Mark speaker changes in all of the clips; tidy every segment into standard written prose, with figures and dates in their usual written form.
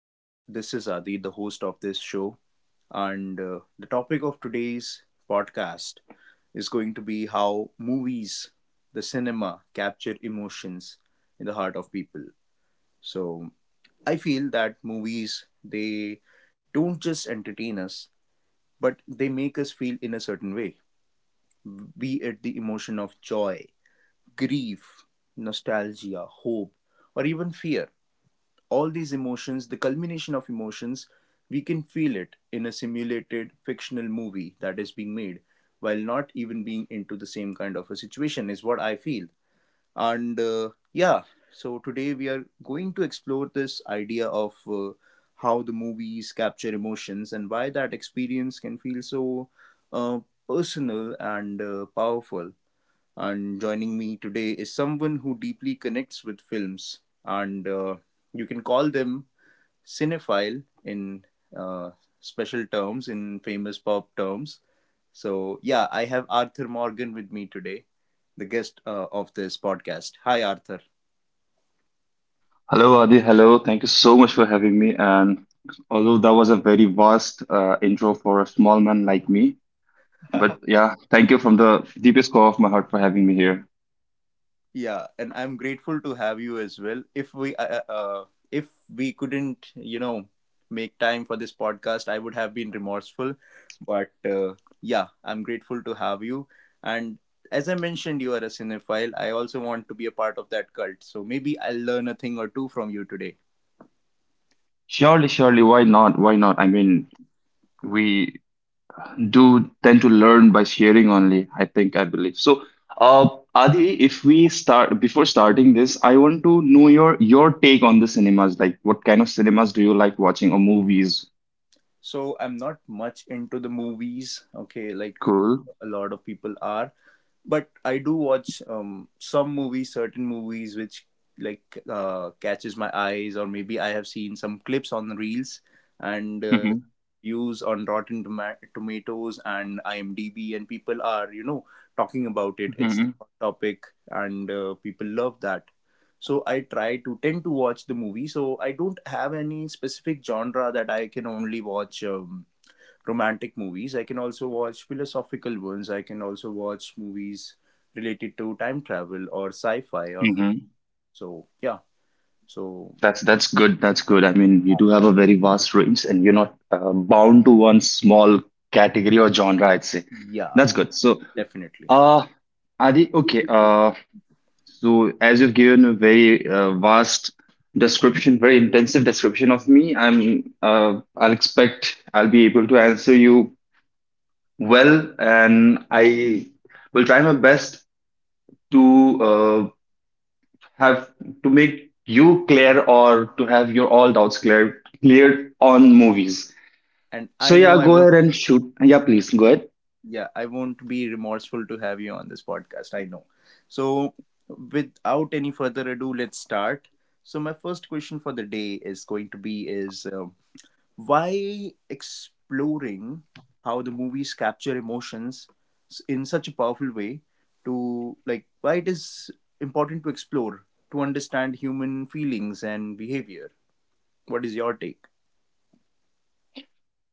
Speaker 1: And this is Adi, the host of this show. And the topic of today's podcast is going to be how movies, the cinema, capture emotions in the heart of people. So I feel that movies, they don't just entertain us, but they make us feel in a certain way, be it the emotion of joy, grief, nostalgia, hope, or even fear. All these emotions, the culmination of emotions, we can feel it in a simulated fictional movie that is being made while not even being into the same kind of a situation, is what I feel. And yeah, so today we are going to explore this idea of how the movies capture emotions and why that experience can feel so uh, personal and powerful. And joining me today is someone who deeply connects with films, and you can call them cinephile in uh, special terms, in famous pop terms. So, yeah, I have Arthur Morgan with me today, the guest of this podcast. Hi, Arthur.
Speaker 2: Hello, Adi. Hello. Thank you so much for having me. And although that was a very vast intro for a small man like me, but yeah, thank you from the deepest core of my heart for having me here.
Speaker 1: Yeah, and I'm grateful to have you as well. If we couldn't, you know, make time for this podcast, I would have been remorseful. But yeah, I'm grateful to have you. And as I mentioned, you are a cinephile. I also want to be a part of that cult. So maybe I'll learn a thing or two from you today.
Speaker 2: Surely, surely, why not? Why not? I mean, we do tend to learn by sharing only, I think, I believe. So, Adi, if we start before starting this, I want to know your take on the cinemas. Like, what kind of cinemas do you like watching or movies?
Speaker 1: So I'm not much into the movies, okay, like
Speaker 2: Cool.
Speaker 1: a lot of people are. But I do watch some movies, certain movies which like catches my eyes, or maybe I have seen some clips on reels and views on Rotten Tomatoes and IMDb, and people are, you know, talking about it. It's the
Speaker 2: Mm-hmm.
Speaker 1: hot topic, and people love that. So I try to tend to watch the movie. So I don't have any specific genre that I can only watch. Romantic movies, I can also watch philosophical ones. I can also watch movies related to time travel or sci-fi or so yeah. So
Speaker 2: That's good. That's good. I mean, you
Speaker 1: um,
Speaker 2: do have a very vast range, and you're not bound to one small category or genre, I'd say.
Speaker 1: yeah,
Speaker 2: That's good. So,
Speaker 1: definitely.
Speaker 2: uh, Adi, okay. So as you've given a very vast description, very intensive description of me, I'll expect I'll be able to answer you well, and I will try my best to have to make you clear or to have your all doubts cleared on movies.
Speaker 1: And I
Speaker 2: So
Speaker 1: know
Speaker 2: yeah,
Speaker 1: I
Speaker 2: go
Speaker 1: won't,
Speaker 2: ahead and shoot. Yeah, please go ahead.
Speaker 1: yeah, I won't be remorseful to have you on this podcast. I know. So without any further ado, let's start. So my first question for the day is going to be is why exploring how the movies capture emotions in such a powerful way, to like why it is important to explore, to understand human feelings and behavior? What is your take?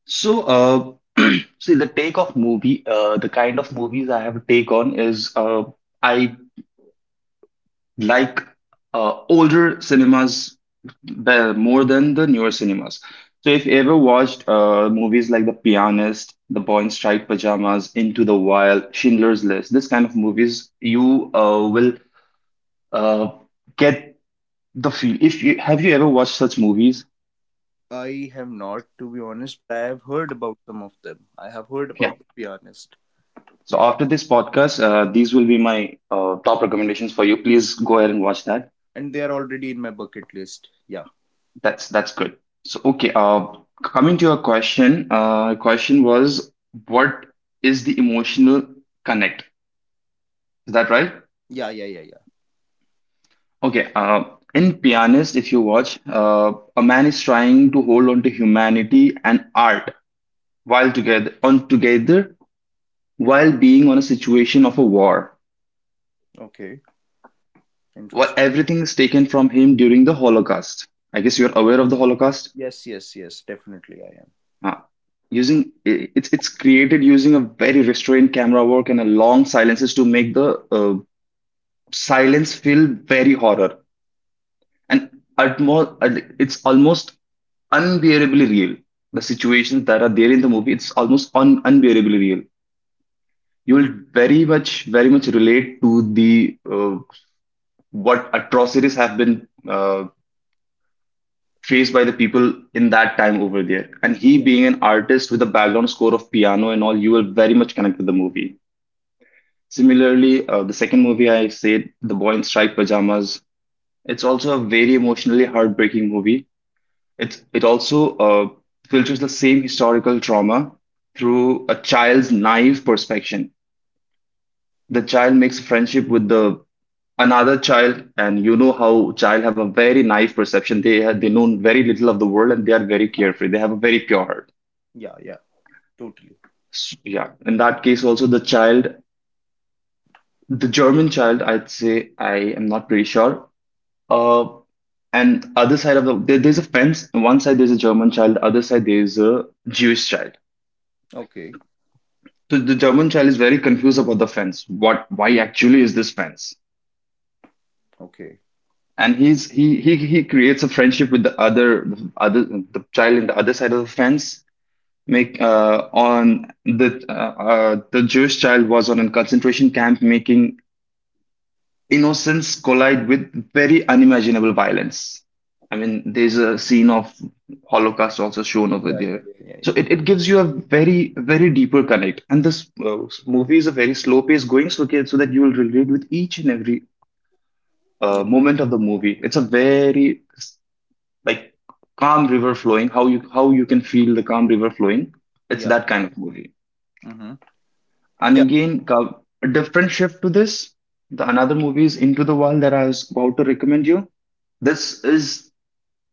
Speaker 2: So see the take of movie. The kind of movies I have a take on is I like older cinemas the, more than the newer cinemas. So if you ever watched movies like The Pianist, The Boy in Striped Pajamas, Into the Wild, Schindler's List, this kind of movies, you will uh, get the feel. If you have you ever watched such movies?
Speaker 1: I have not, to be honest, but I have heard about some of them. I have heard
Speaker 2: Yeah.
Speaker 1: about, to be honest.
Speaker 2: So
Speaker 1: Yeah.
Speaker 2: after this podcast, these will be my top recommendations for you. Please go ahead and watch that.
Speaker 1: And they are already in my bucket list. Yeah.
Speaker 2: That's good. So okay, coming to your question, question was what is the emotional connect? Is that right?
Speaker 1: Yeah, yeah, yeah,
Speaker 2: Okay. In Pianist, if you watch, a man is trying to hold on to humanity and art while together on together while being on a situation of a war.
Speaker 1: yeah. Okay.
Speaker 2: Well,
Speaker 1: Interesting.
Speaker 2: everything is taken from him during the Holocaust. I guess you're aware of the Holocaust.
Speaker 1: Yes, yes, yes. Definitely I am.
Speaker 2: Uh, using I- it's created using a very restrained camera work and a long silences to make the silence feel very horror and utmost, it's almost unbearably real. The situations that are there in the movie, it's almost unbearably real. You will very much relate to the what atrocities have been faced by the people in that time over there. And he
Speaker 1: Yeah.
Speaker 2: being an artist with a background score of piano and all, you will very much connect with the movie. Similarly, the second movie I said, The Boy in Striped Pajamas, it's also a very emotionally heartbreaking movie. It also filters the same historical trauma through a child's naive perspective. The child makes friendship with the another child, and you know how child have a very naive perception. They have, they know very little of the world, and they are very
Speaker 1: Yeah.
Speaker 2: carefree. They have a very pure
Speaker 1: Yeah.
Speaker 2: heart.
Speaker 1: Yeah, yeah. Totally.
Speaker 2: Yeah, in that case also the child, the German child, I'd say, I am not pretty sure. Uh and other side of there's a fence. On one side there's a German child, other side there's a Jewish child.
Speaker 1: Okay.
Speaker 2: So the German child is very confused about the fence. What Why actually is this fence?
Speaker 1: Okay.
Speaker 2: And he's he creates a friendship with the other other the child in the other side of the fence. Make on the The Jewish child was on a concentration camp, making innocence collide with very unimaginable violence. I mean, there's a scene of Holocaust also shown over
Speaker 1: Yeah,
Speaker 2: there.
Speaker 1: yeah, yeah, yeah,
Speaker 2: So
Speaker 1: yeah,
Speaker 2: it gives you a very, very deeper connect. And this movie is a very slow pace going, so, okay, so that you will relate with each and every
Speaker 1: yeah,
Speaker 2: moment of the movie. It's a very like calm river flowing, how you can feel the calm river flowing. It's
Speaker 1: yeah.
Speaker 2: that kind of movie.
Speaker 1: Mm-hmm.
Speaker 2: And
Speaker 1: Yeah.
Speaker 2: again, a different shift to this. The another movie is Into the Wild that I was about to recommend you. This is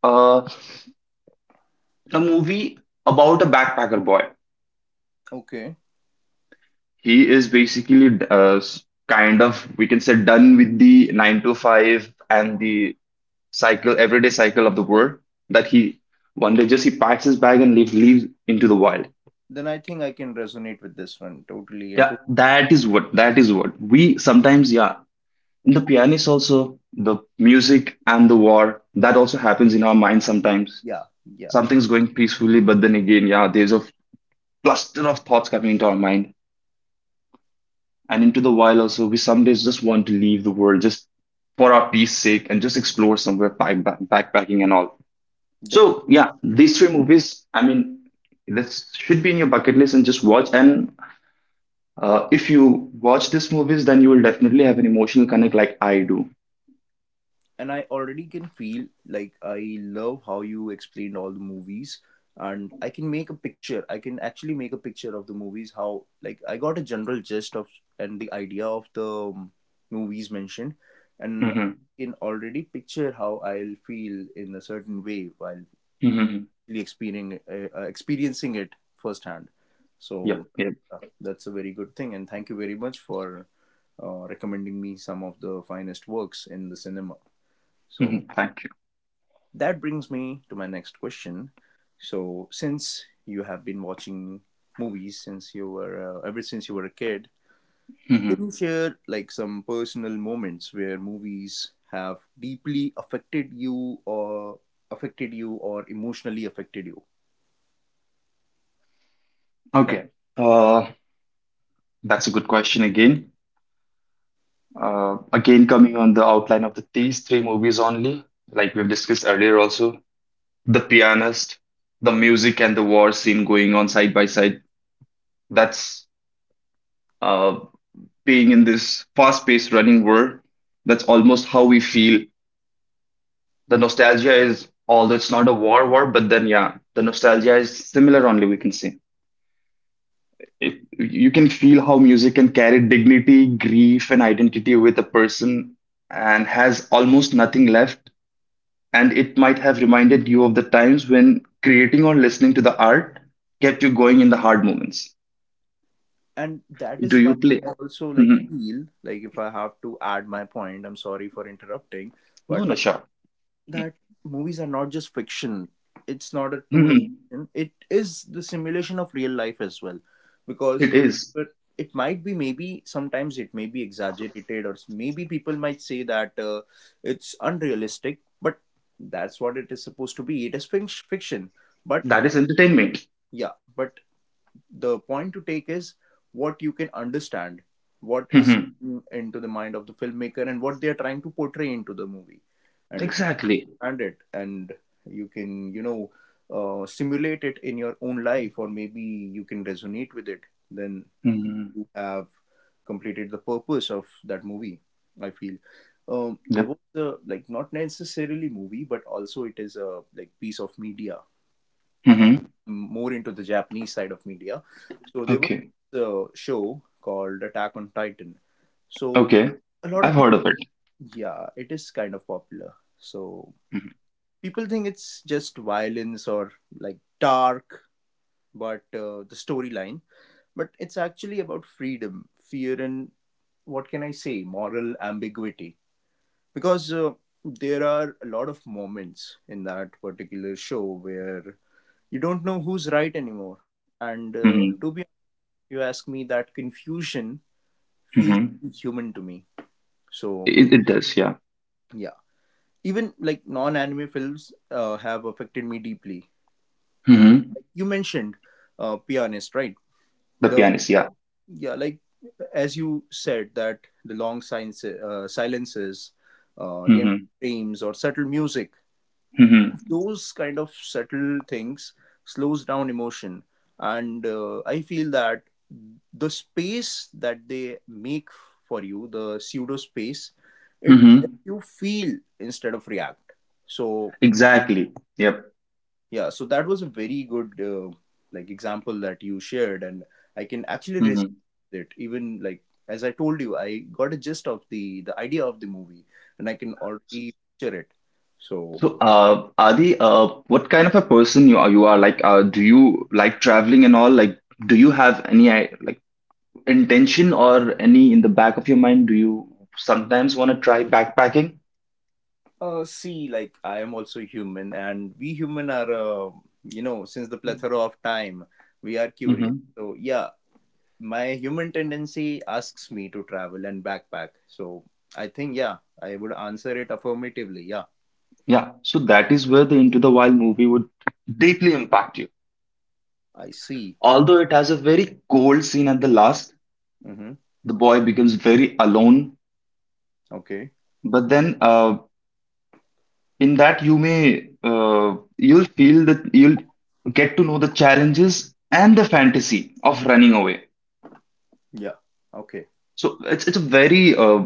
Speaker 2: uh, a movie about a backpacker boy.
Speaker 1: Okay.
Speaker 2: He is basically kind of, we can say, done with the 9 to 5 and the cycle everyday cycle of the world, that he one day just he packs his bag and leaves into the wild.
Speaker 1: Then I think I can resonate with this one totally. And
Speaker 2: Yeah,
Speaker 1: to
Speaker 2: that is what we sometimes, yeah. In the pianist also, the music and the war, that also happens in our mind sometimes.
Speaker 1: yeah, yeah,
Speaker 2: Something's going peacefully, but then again, yeah, there's a cluster of thoughts coming into our mind. And into the wild also, we some days just want to leave the world just for our peace sake, and just explore somewhere backpacking and all. So
Speaker 1: definitely.
Speaker 2: yeah, these three movies, I mean, this should be in your bucket list and just watch. And if you watch these movies, then you will definitely have an emotional connect like I do.
Speaker 1: And I already can feel, like, I love how you explained all the movies, and I can make a picture. I can actually make a picture of the movies. How, like, I got a general gist of and the idea of the um, movies mentioned, and
Speaker 2: Mm-hmm.
Speaker 1: can already picture how I'll feel in a certain way while
Speaker 2: Mm-hmm.
Speaker 1: experiencing experiencing it firsthand. So
Speaker 2: Yep. Yep.
Speaker 1: that's a very good thing, and thank you very much for recommending me some of the finest works in the cinema.
Speaker 2: Hmm.
Speaker 1: So
Speaker 2: Thank you.
Speaker 1: that brings me to my next question. So since you have been watching movies since you were ever since you were a kid,
Speaker 2: Hmm.
Speaker 1: can you share like some personal moments where movies have deeply affected you, or affected you, or emotionally affected you?
Speaker 2: Okay. Uh, that's a good question again. Again, coming on the outline of the, these three movies only, like we've discussed earlier also, The Pianist, the music and the war scene going on side by side. That's uh, being in this fast-paced running world. That's almost how we feel. The nostalgia is, although it's not a war war, but then yeah, the nostalgia is similar only, we can say. It, you can feel how music can carry dignity, grief, and identity with a person and has almost nothing left. And it might have reminded you of the times when creating or listening to the art kept you going in the hard moments.
Speaker 1: And that
Speaker 2: Do
Speaker 1: is why
Speaker 2: you play?
Speaker 1: I also, like,
Speaker 2: Mhm.
Speaker 1: feel like, if I have to add my point, I'm sorry for interrupting,
Speaker 2: No,
Speaker 1: but I
Speaker 2: no, sure.
Speaker 1: feel that movies are not just fiction. It's not a tool of
Speaker 2: Mhm.
Speaker 1: fiction. It is the simulation of real life as well. Because,
Speaker 2: It is.
Speaker 1: but it might be, maybe sometimes it may be exaggerated, or maybe people might say that it's unrealistic. But that's what it is supposed to be. It is fiction. But
Speaker 2: That is entertainment.
Speaker 1: yeah, but the point to take is what you can understand, what is
Speaker 2: Mhm.
Speaker 1: into the mind of the filmmaker, and what they are trying to portray into the movie. And if you
Speaker 2: Exactly.
Speaker 1: understand it, and you can, you know, simulate it in your own life, or maybe you can resonate with it, then
Speaker 2: Mhm.
Speaker 1: you have completed the purpose of that movie. I feel there
Speaker 2: Yep.
Speaker 1: was a, like, not necessarily movie, but also it is a, like, piece of media, uh,
Speaker 2: Mhm.
Speaker 1: more into the Japanese side of media. So there was
Speaker 2: Okay.
Speaker 1: a show called Attack on Titan. So
Speaker 2: Okay,
Speaker 1: a lot
Speaker 2: I've
Speaker 1: of
Speaker 2: heard of
Speaker 1: people,
Speaker 2: it.
Speaker 1: yeah, it is kind of popular. So people think it's just violence or like dark, but the storyline, but it's actually about freedom, fear, and, what can I say, moral ambiguity. Because there are a lot of moments in that particular show where you don't know who's right anymore. And
Speaker 2: Mm-hmm.
Speaker 1: to be you ask me, that confusion feels
Speaker 2: Mm-hmm.
Speaker 1: human to me. So
Speaker 2: It does, yeah.
Speaker 1: yeah, even like non-anime films have affected me deeply.
Speaker 2: Mm-hmm.
Speaker 1: Like you mentioned, Pianist, right?
Speaker 2: The
Speaker 1: The,
Speaker 2: pianist, yeah.
Speaker 1: yeah, like as you said, that the long silences, the empty
Speaker 2: Mm-hmm.
Speaker 1: frames or subtle music,
Speaker 2: Mm-hmm.
Speaker 1: those kind of subtle things slows down emotion. And I feel that the space that they make for you, the pseudo space, it lets
Speaker 2: Mm-hmm.
Speaker 1: you feel instead of react. So
Speaker 2: Exactly. Yep.
Speaker 1: yeah, so that was a very good like example that you shared. And I can actually
Speaker 2: Mm-hmm.
Speaker 1: resonate with it, even like, as I told you, I got a gist of the idea of the movie, and I can
Speaker 2: So,
Speaker 1: already picture it. So
Speaker 2: so, Adi, what kind of a person you are? You are like, do you like traveling and all? Like, do you have any like intention or any in the back of your mind? Do you sometimes want to try backpacking?
Speaker 1: See, like, I am also human, and we human are, you know, since the plethora of time, we are curious.
Speaker 2: Mm-hmm.
Speaker 1: So yeah, my human tendency asks me to travel and backpack. So I think, yeah, I would answer it affirmatively. Yeah,
Speaker 2: Yeah. So that is where the Into the Wild movie would deeply impact you.
Speaker 1: I see.
Speaker 2: Although it has a very cold scene at the last,
Speaker 1: Mm-hmm.
Speaker 2: the boy becomes very alone.
Speaker 1: Okay.
Speaker 2: But then, in that, you'll feel that you'll get to know the challenges and the fantasy of running away.
Speaker 1: Yeah. Okay.
Speaker 2: So it's a very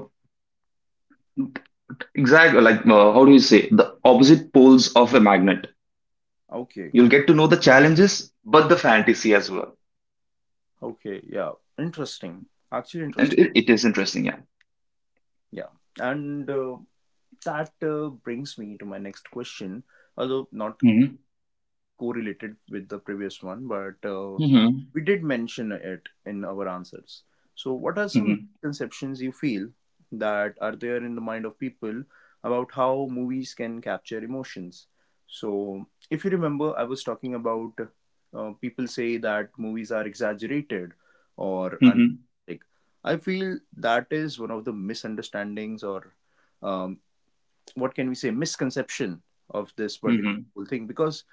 Speaker 2: exact, like how do you say, the opposite poles of a magnet.
Speaker 1: Okay.
Speaker 2: You'll get to know the challenges, but the fantasy as well,
Speaker 1: Okay. Yeah. Interesting. Actually,
Speaker 2: and
Speaker 1: interesting.
Speaker 2: it is interesting. Yeah.
Speaker 1: Yeah. And that brings me to my next question, although not
Speaker 2: Hmm.
Speaker 1: correlated with the previous one, but
Speaker 2: Hmm.
Speaker 1: we did mention it in our answers. So, what are some
Speaker 2: Hmm.
Speaker 1: misconceptions you feel that are there in the mind of people about how movies can capture emotions? So, if you remember, I was talking about people say that movies are exaggerated or
Speaker 2: Hmm.
Speaker 1: unrealistic. I feel that is one of the misunderstandings or um, what can we say, misconception of this particular
Speaker 2: Hmm.
Speaker 1: whole thing. Because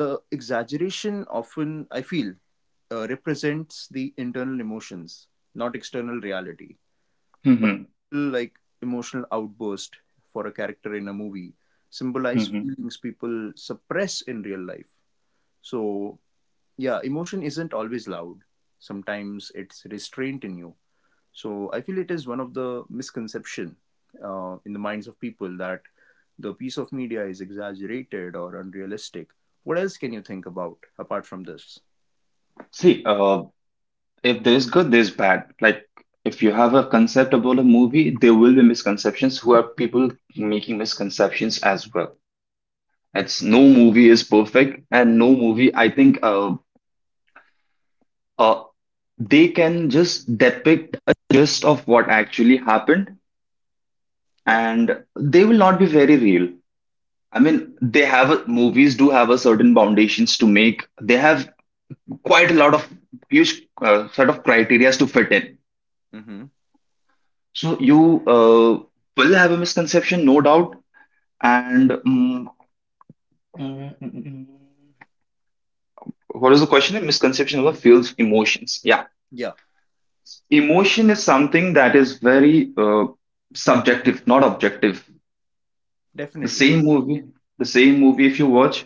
Speaker 1: the exaggeration, often I feel, represents the internal emotions, not external reality. For
Speaker 2: Hmm.
Speaker 1: example, like, emotional outburst for a character in a movie symbolize
Speaker 2: Hmm.
Speaker 1: feelings people suppress in real life. So yeah, emotion isn't always loud. Sometimes it's restraint in you. So I feel it is one of the misconception in the minds of people that the piece of media is exaggerated or unrealistic. What else can you think about apart from this?
Speaker 2: See, if there's good, there's bad. Like if you have a concept about a movie, there will be misconceptions who are people making misconceptions as well. It's no movie is perfect, and no movie, I think, uh, they can just depict a gist of what actually happened,
Speaker 1: Yeah.
Speaker 2: and they will not be very real. I mean, they have a, movies do have a certain foundations to make. They have quite a lot of huge sort of criterias to fit in.
Speaker 1: Mm-hmm.
Speaker 2: So you will have a misconception, no doubt. And mm, mm, mm, what is the question? Misconception of feels emotions. Yeah,
Speaker 1: Yeah.
Speaker 2: emotion is something that is very subjective, not objective. The
Speaker 1: Definitely.
Speaker 2: same movie, the same movie. If you watch,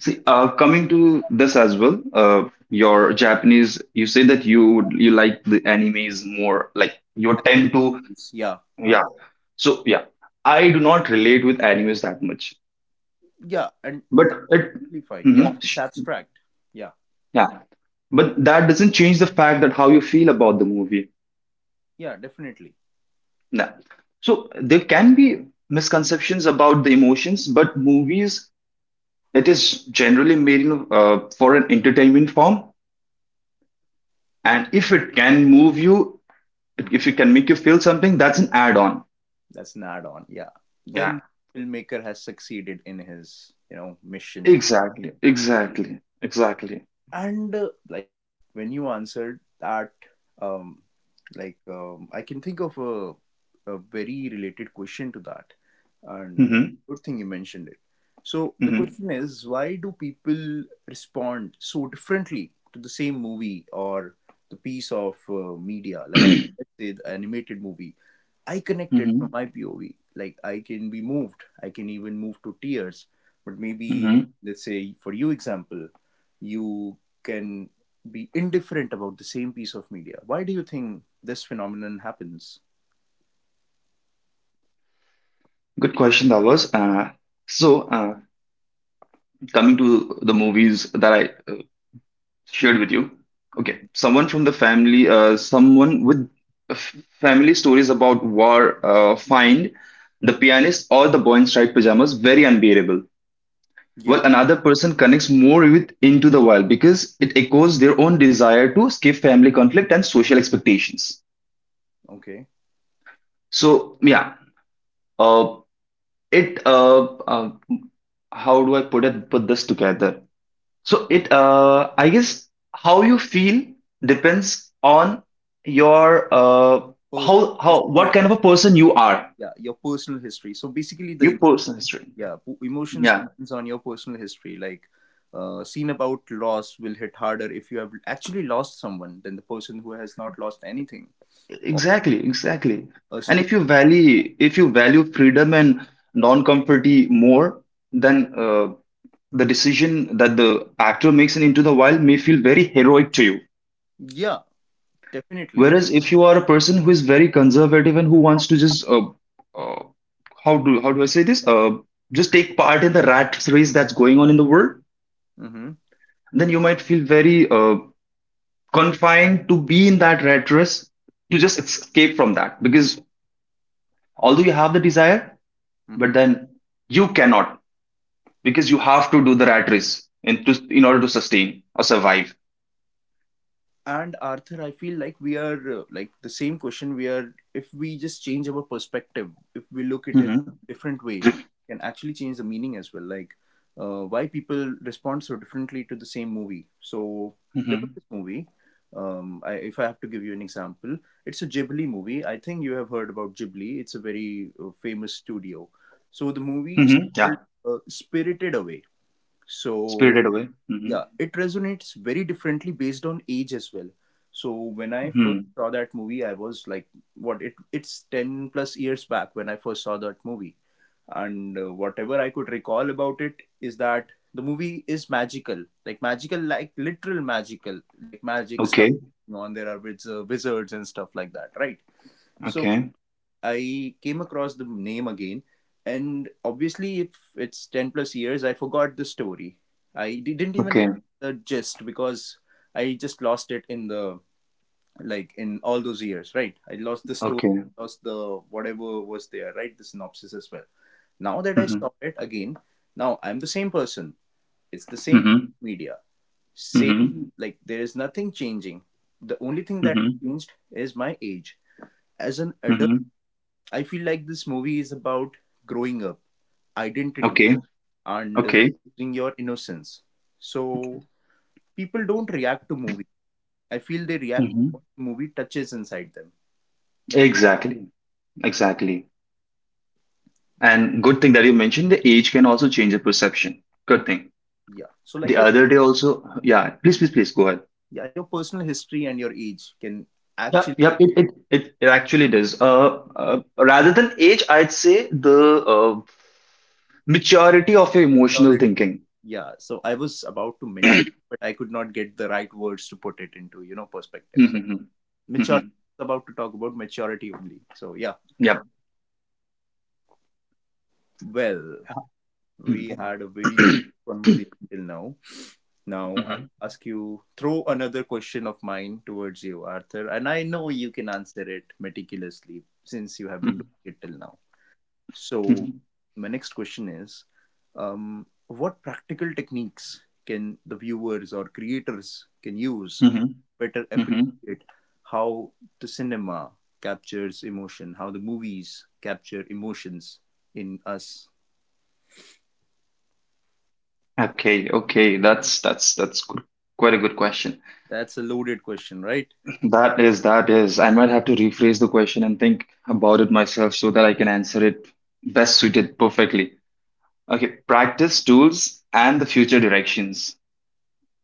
Speaker 2: see, coming to this as well. Your Japanese, you say that you like the animes more, like you
Speaker 1: Animated
Speaker 2: tend to,
Speaker 1: movies. Yeah. Huh.
Speaker 2: yeah. So yeah, I do not relate with animes that much.
Speaker 1: Yeah. And
Speaker 2: But
Speaker 1: that's
Speaker 2: it,
Speaker 1: really fine.
Speaker 2: mhm.
Speaker 1: Yeah. It's abstract. Yeah.
Speaker 2: Yeah, but that doesn't change the fact that how you feel about the movie.
Speaker 1: Yeah. Definitely.
Speaker 2: No. So there can be misconceptions about the emotions, but movies, it is generally made in, for an entertainment form.
Speaker 1: And
Speaker 2: And if it can move you,
Speaker 1: mhm,
Speaker 2: if it can make you feel something, that's an add on.
Speaker 1: that's an add-on. Yeah.
Speaker 2: Yeah,
Speaker 1: Then filmmaker has succeeded in his, you know, mission.
Speaker 2: exactly, exactly, exactly.
Speaker 1: And like, when you answered that, um like I can think of a very related question to that. And
Speaker 2: Mm-hmm,
Speaker 1: good thing you mentioned it. So the
Speaker 2: mm-hmm.
Speaker 1: question is, why do people respond so differently to the same movie or the piece of media? Like, let's say the animated movie, I connected from
Speaker 2: Mm-hmm.
Speaker 1: my POV. Like I can be moved. I can even move to tears. But maybe,
Speaker 2: Mm-hmm.
Speaker 1: let's say for you, example, you can be indifferent about the same piece of media. Why do you think this phenomenon happens?
Speaker 2: Good question that was. So uh, Coming to the movies that I shared with you. Okay,
Speaker 1: Hmm.
Speaker 2: someone from the family, someone with family stories about war, find the pianist or the boy in striped pajamas very unbearable.
Speaker 1: Yeah.
Speaker 2: Well, another person connects more with Into the Wild because it echoes their own desire to escape family conflict and social expectations.
Speaker 1: Okay.
Speaker 2: So yeah, uh, it how do I put this together? So I guess, how you feel depends on your
Speaker 1: Personal
Speaker 2: how what
Speaker 1: history.
Speaker 2: kind of a person you are,
Speaker 1: Yeah, your personal history. So basically, the
Speaker 2: your personal history.
Speaker 1: yeah, emotions
Speaker 2: Yeah,
Speaker 1: depends on your personal history. Like, scene about loss will hit harder if you have actually lost someone than the person who has not lost anything. Or
Speaker 2: exactly, exactly.
Speaker 1: a
Speaker 2: And if you value freedom and non-comforty more, then uh, the decision that the actor makes in Into the Wild may feel very heroic to you.
Speaker 1: yeah, definitely.
Speaker 2: Whereas if you are a person who is very conservative and who wants to just uh, how do I say this? Just take part in the rat race that's going on in the world,
Speaker 1: Mm-hmm.
Speaker 2: then you might feel very confined to be in that rat race to just escape from that. Because although you have the desire, but
Speaker 1: Mm-hmm.
Speaker 2: then you cannot because you have to do the rat race in order to sustain or survive.
Speaker 1: And Arthur, I feel like we are like the same question. We are, if we just change our perspective, if we look at it
Speaker 2: Hmm.
Speaker 1: different way, can actually change the meaning as well. Like, why people respond so differently to the same movie. So there was
Speaker 2: Hmm.
Speaker 1: this movie. I, if I have to give you an example, it's a Ghibli movie. I think you have heard about Ghibli. It's a very famous studio. So the movie is
Speaker 2: Hmm.
Speaker 1: called
Speaker 2: Yeah,
Speaker 1: Spirited Away. So
Speaker 2: spirited away. Hmm.
Speaker 1: yeah, it resonates very differently based on age as well. So when I first
Speaker 2: Hmm.
Speaker 1: saw that movie, I was like, what? It's ten plus years back when I first saw that movie, and whatever I could recall about it is that the movie is magical, like literal magical, like magic stuff
Speaker 2: Okay,
Speaker 1: going on. There are wizards and stuff like that, right? So
Speaker 2: okay,
Speaker 1: I came across the name again, and obviously, if it's 10 plus years, I forgot the story. I didn't even
Speaker 2: okay,
Speaker 1: have the gist because I just lost it in the like in all those years, right? I lost the story,
Speaker 2: okay.
Speaker 1: lost the whatever was there, right? The synopsis as well. Now that I
Speaker 2: Mhm.
Speaker 1: saw it again, now I'm the same person. It's the same
Speaker 2: Mhm.
Speaker 1: media,
Speaker 2: Mhm.
Speaker 1: same like there is nothing changing. The only thing that
Speaker 2: Mhm.
Speaker 1: changed is my age. As an adult,
Speaker 2: Mhm.
Speaker 1: I feel like this movie is about growing up, identity,
Speaker 2: Okay.
Speaker 1: and
Speaker 2: Okay.
Speaker 1: losing your innocence. So people don't react to movie. I feel they react to
Speaker 2: Mhm.
Speaker 1: what movie touches inside them.
Speaker 2: Exactly. Exactly.
Speaker 1: So
Speaker 2: And good thing that you mentioned the age can also change the perception. Good thing.
Speaker 1: yeah. So like
Speaker 2: The
Speaker 1: your
Speaker 2: other day also, yeah, please, please, please go ahead.
Speaker 1: yeah, your personal history and your age can
Speaker 2: Yeah,
Speaker 1: actually
Speaker 2: yep, it actually does. Rather than age, I'd say the maturity of your emotional thinking.
Speaker 1: yeah. So I was about to mention, but I could not get the right words to put it into perspective. So
Speaker 2: Mm-hmm.
Speaker 1: maturity.
Speaker 2: Mm-hmm.
Speaker 1: About to talk about maturity only. So yeah.
Speaker 2: Yep.
Speaker 1: Well, we had a very
Speaker 2: Mm-hmm.
Speaker 1: good conversation till now. Now I'll ask you, throw another question of mine towards you, Arthur, and I know you can answer it meticulously since you have been
Speaker 2: Mm-hmm.
Speaker 1: doing it till now. So, my next question is what practical techniques can the viewers or creators can use
Speaker 2: Mm-hmm.
Speaker 1: better
Speaker 2: Mm-hmm.
Speaker 1: appreciate how the cinema captures emotion, how the movies capture emotions in us?
Speaker 2: Okay, okay, that's good. Quite a good question.
Speaker 1: That's a loaded question, right?
Speaker 2: That is, that is. I might have to rephrase the question and think about it myself so that I can answer it best suited perfectly. Okay, practice tools and the future directions,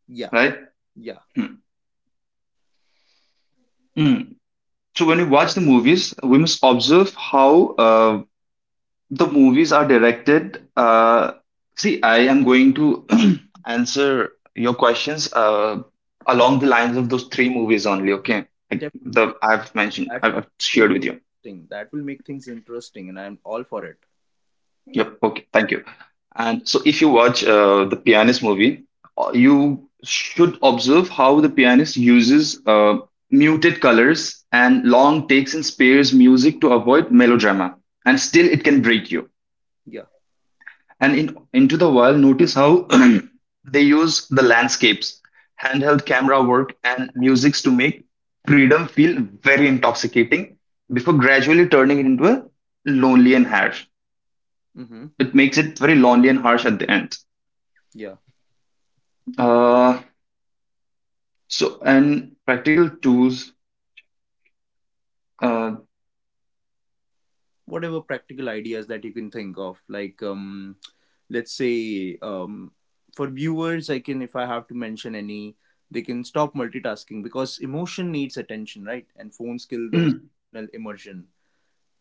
Speaker 1: Yeah,
Speaker 2: right?
Speaker 1: yeah,
Speaker 2: Hmm. Hmm. So when we watch the movies, we must observe how the movies are directed. See, I am going to answer your questions along the lines of those three movies only. Okay, like the
Speaker 1: definitely.
Speaker 2: I've mentioned,
Speaker 1: That
Speaker 2: I've
Speaker 1: will
Speaker 2: I've shared
Speaker 1: think
Speaker 2: with you.
Speaker 1: thing that will make things interesting and I'm all for it. Yeah,
Speaker 2: Yep. Okay. Thank you. And so, if you watch the Pianist movie, you should observe how the pianist uses muted colors and long takes in spares music to avoid melodrama, and still it can break you.
Speaker 1: yeah,
Speaker 2: And in Into the Wild, notice how they use the landscapes, handheld camera work, and musics to make freedom feel very intoxicating before gradually turning it into a lonely and harsh.
Speaker 1: mm-hmm.
Speaker 2: It makes it very lonely and harsh at the end.
Speaker 1: Yeah,
Speaker 2: Uh, so, and practical tools. Uh,
Speaker 1: whatever practical ideas that you can think of, like let's say, for viewers, I can, if I have to mention any, they can stop multitasking because emotion needs attention, right? And phones kill those
Speaker 2: mm,
Speaker 1: emotional immersion.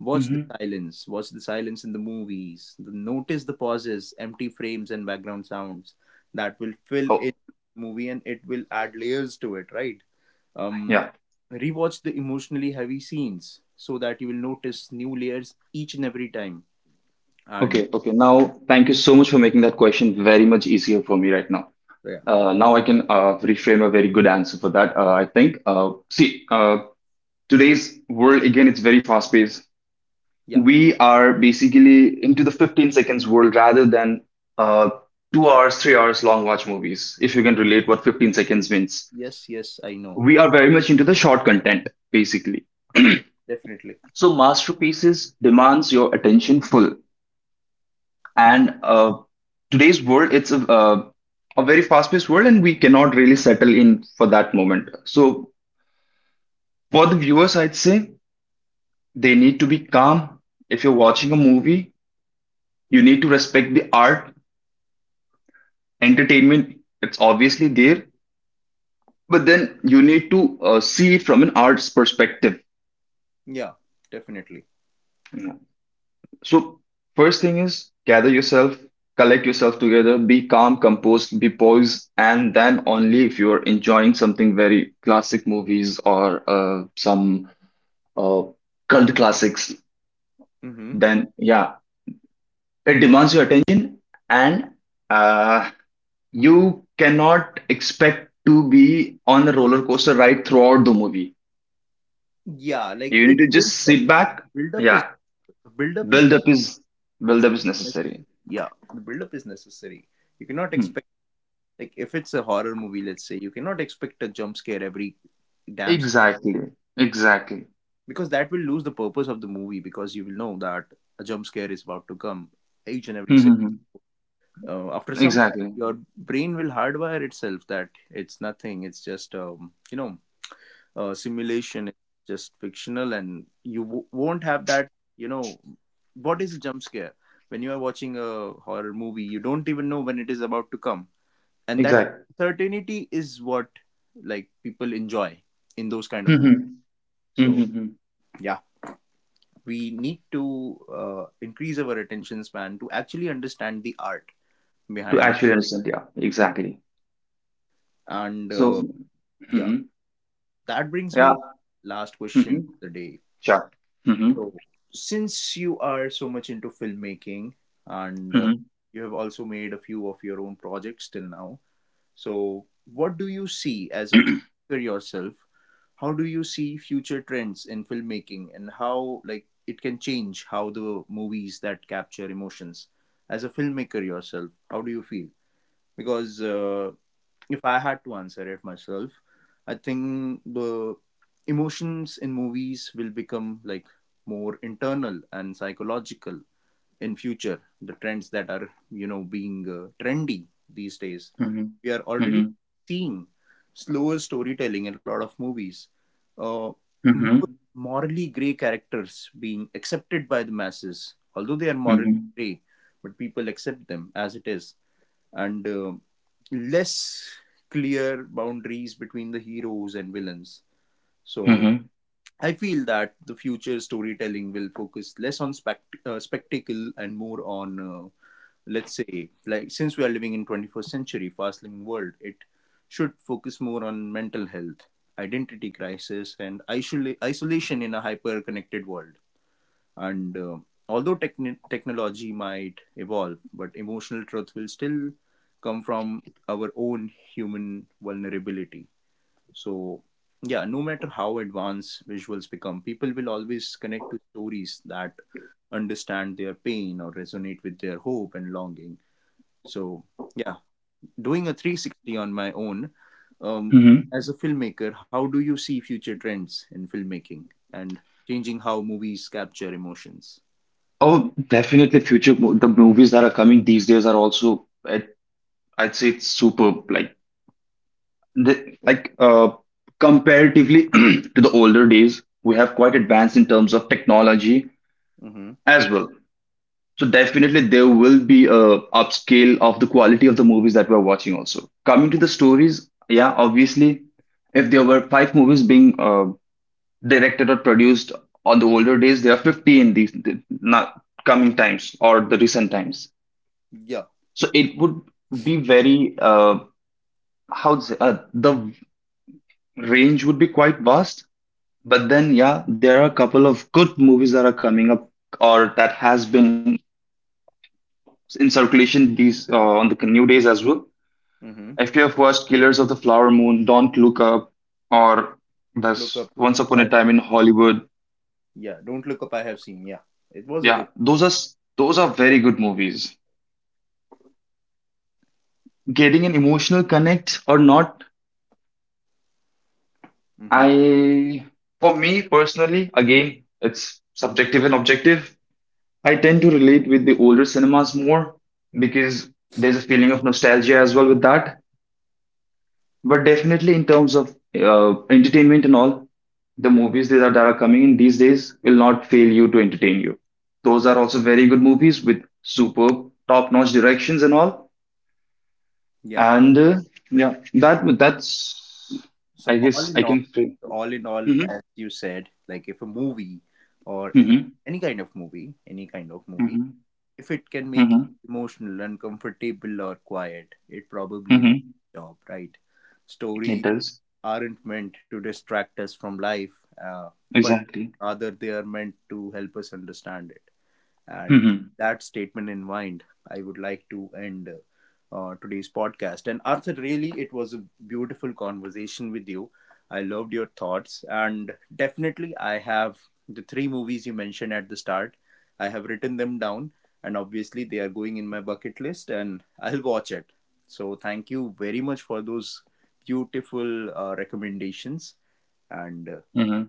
Speaker 1: Watch the
Speaker 2: mhm.
Speaker 1: silence. Watch the silence in the movies. Notice the pauses, empty frames, and background sounds that will fill
Speaker 2: Oh,
Speaker 1: in the movie and it will add layers to it, right? Um,
Speaker 2: yeah.
Speaker 1: Rewatch the emotionally heavy scenes so that you will notice new layers each and every time. And
Speaker 2: Okay, okay. Now, thank you so much for making that question very much easier for me right now.
Speaker 1: yeah,
Speaker 2: Now I can reframe a very good answer for that. I think. See, today's world again, it's very fast paced.
Speaker 1: yeah,
Speaker 2: We are basically into the 15 seconds world rather than uh, 2 hours, 3 hours long watch movies. If you can relate what 15
Speaker 1: yes,
Speaker 2: seconds means,
Speaker 1: yes, yes, I know,
Speaker 2: we are very much into the short content basically.
Speaker 1: definitely.
Speaker 2: So masterpieces demands your attention full,
Speaker 1: Mm,
Speaker 2: and today's world, it's a very fast paced world and we cannot really settle in for that moment. So for the viewers, I'd say they need to be calm. If you're watching a movie, you need to respect the art, entertainment. It's obviously there, but then you need to see it from an art's perspective.
Speaker 1: yeah, definitely.
Speaker 2: So, first thing is gather yourself, collect yourself together, be calm, composed, be poised, and then only if you're enjoying something very classic movies or some uh, cult classics,
Speaker 1: Mm-hmm.
Speaker 2: then yeah, it demands your attention and uh, you cannot expect to be on a roller coaster ride throughout the movie.
Speaker 1: Yeah, like
Speaker 2: You need
Speaker 1: it
Speaker 2: to just
Speaker 1: builds up.
Speaker 2: sit back.
Speaker 1: Build up is
Speaker 2: Yeah,
Speaker 1: build up is
Speaker 2: build up is build
Speaker 1: It's
Speaker 2: up is necessary.
Speaker 1: necessary. Yeah, the build-up is necessary. You cannot
Speaker 2: Hmm.
Speaker 1: expect, like if it's a horror movie, let's say, you cannot expect a jump scare every damn second,
Speaker 2: Exactly.
Speaker 1: right?
Speaker 2: Exactly.
Speaker 1: Because that will lose the purpose of the movie because you will know that a jump scare is about to come each and every second.
Speaker 2: Mm-hmm.
Speaker 1: After some time,
Speaker 2: Exactly.
Speaker 1: your brain will hardwire itself that it's nothing. It's just simulation is just fictional and you won't have that, you know, what is a jump scare. When you are watching a horror movie, you don't even know when it is about to come, and that
Speaker 2: Exactly.
Speaker 1: certainty is what, like, people enjoy in those kind of
Speaker 2: Mm-hmm.
Speaker 1: movies. So
Speaker 2: Mm-hmm.
Speaker 1: yeah, we need to increase our attention span to actually understand the art
Speaker 2: To
Speaker 1: behind
Speaker 2: actually understand. Yeah. Exactly.
Speaker 1: that. And
Speaker 2: So.
Speaker 1: yeah,
Speaker 2: Hmm.
Speaker 1: that brings
Speaker 2: Yeah.
Speaker 1: me last question
Speaker 2: Hmm.
Speaker 1: of the day.
Speaker 2: Sure. Mm-hmm.
Speaker 1: So, since you are so much into filmmaking and
Speaker 2: Mm-hmm.
Speaker 1: you have also made a few of your own projects till now, so what do you see as a filmmaker yourself? How do you see future trends in filmmaking and how like it can change how the movies that capture emotions? As a filmmaker yourself, how do you feel? Because if I had to answer it myself, I think the emotions in movies will become like more internal and psychological in future. The trends that are, being trendy these days,
Speaker 2: Mm-hmm.
Speaker 1: we are already
Speaker 2: Mm-hmm.
Speaker 1: seeing slower storytelling in a lot of movies. Uh,
Speaker 2: Mm-hmm.
Speaker 1: More morally gray characters being accepted by the masses, although they are morally
Speaker 2: Mm-hmm.
Speaker 1: gray, but people accept them as it is, and less clear boundaries between the heroes and villains. So I feel that the future storytelling will focus less on spectacle and more on, let's say, like since we are living in 21st century fast-living world, it should focus more on mental health, identity crisis, and isolation in a hyper-connected world. And although techni technology might evolve, but emotional truth will still come from our own human vulnerability. So, yeah, no matter how advanced visuals become, people will always connect to stories that understand their pain or resonate with their hope and longing. So, yeah, doing a 360 on my own, um,
Speaker 2: Mm-hmm.
Speaker 1: as a filmmaker, how do you see future trends in filmmaking and changing how movies capture emotions?
Speaker 2: Oh, definitely the movies that are coming these days are also I'd say it's superb. The, like comparatively to the older days, we have quite advanced in terms of technology as well. So definitely there will be a upscale of the quality of the movies that we're watching also. Coming to the stories, yeah, obviously if there were five movies being directed or produced on the older days, there are 50 in not coming times or the recent times.
Speaker 1: Yeah.
Speaker 2: So it would be very how to say, the range would be quite vast. But then, yeah, there are a couple of good movies that are coming up or that has been in circulation these on the new days as well.
Speaker 1: Mm-hmm.
Speaker 2: If you have watched Killers of the Flower Moon, Don't Look Up, or
Speaker 1: Look up.
Speaker 2: this Once Upon
Speaker 1: I
Speaker 2: a Time in Hollywood,
Speaker 1: yeah. Don't look up. I have seen. Yeah. It was a
Speaker 2: yeah,
Speaker 1: good.
Speaker 2: those are very good movies. Getting an emotional connect or not
Speaker 1: Mm-hmm.
Speaker 2: I, for me personally, again, it's subjective and objective. I tend to relate with the older cinemas more because there's a feeling of nostalgia as well with that. But definitely, in terms of entertainment and all, the movies that are coming in these days will not fail you to entertain you. Those are also very good movies with superb, top-notch directions and all.
Speaker 1: Yeah.
Speaker 2: And yeah, that's
Speaker 1: So
Speaker 2: I guess I can say.
Speaker 1: all in all,
Speaker 2: Hmm.
Speaker 1: as you said, like if a movie or any
Speaker 2: Hmm.
Speaker 1: any kind of movie, any kind of movie,
Speaker 2: Hmm.
Speaker 1: if it can make you
Speaker 2: Hmm.
Speaker 1: emotional, uncomfortable, or quiet, it probably did its
Speaker 2: Mm-hmm.
Speaker 1: job right.
Speaker 2: It
Speaker 1: Stories
Speaker 2: does.
Speaker 1: aren't meant to distract us from life, but
Speaker 2: Exactly.
Speaker 1: rather they are meant to help us understand it. And
Speaker 2: Mm-hmm.
Speaker 1: that statement in mind, I would like to end today's podcast. And Arthur, really, it was a beautiful conversation with you. I loved your thoughts. And definitely, I have the three movies you mentioned at the start. I have written them down, and obviously, they are going in my bucket list, and I'll watch it. So, thank you very much for those beautiful recommendations. And
Speaker 2: Mm-hmm.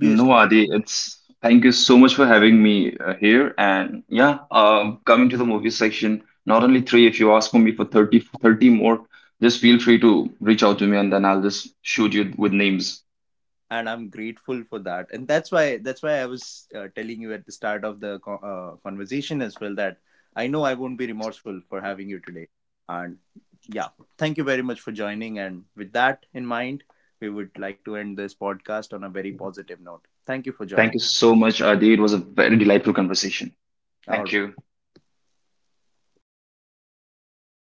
Speaker 2: No, Adi, it's thank you so much for having me here. And yeah, coming to the movie section, not only three, if you ask for me for 30, 30 more, just feel free to reach out to me and then I'll just shoot you with names.
Speaker 1: and I'm grateful for that. And that's why I was telling you at the start of the conversation as well that I know I won't be remorseful for having you today. And yeah, thank you very much for joining. And with that in mind, we would like to end this podcast on a very positive note. Thank you for
Speaker 2: Thank
Speaker 1: joining.
Speaker 2: you so much, Adi. It was a very delightful conversation.
Speaker 1: All
Speaker 2: Thank
Speaker 1: right.
Speaker 2: you.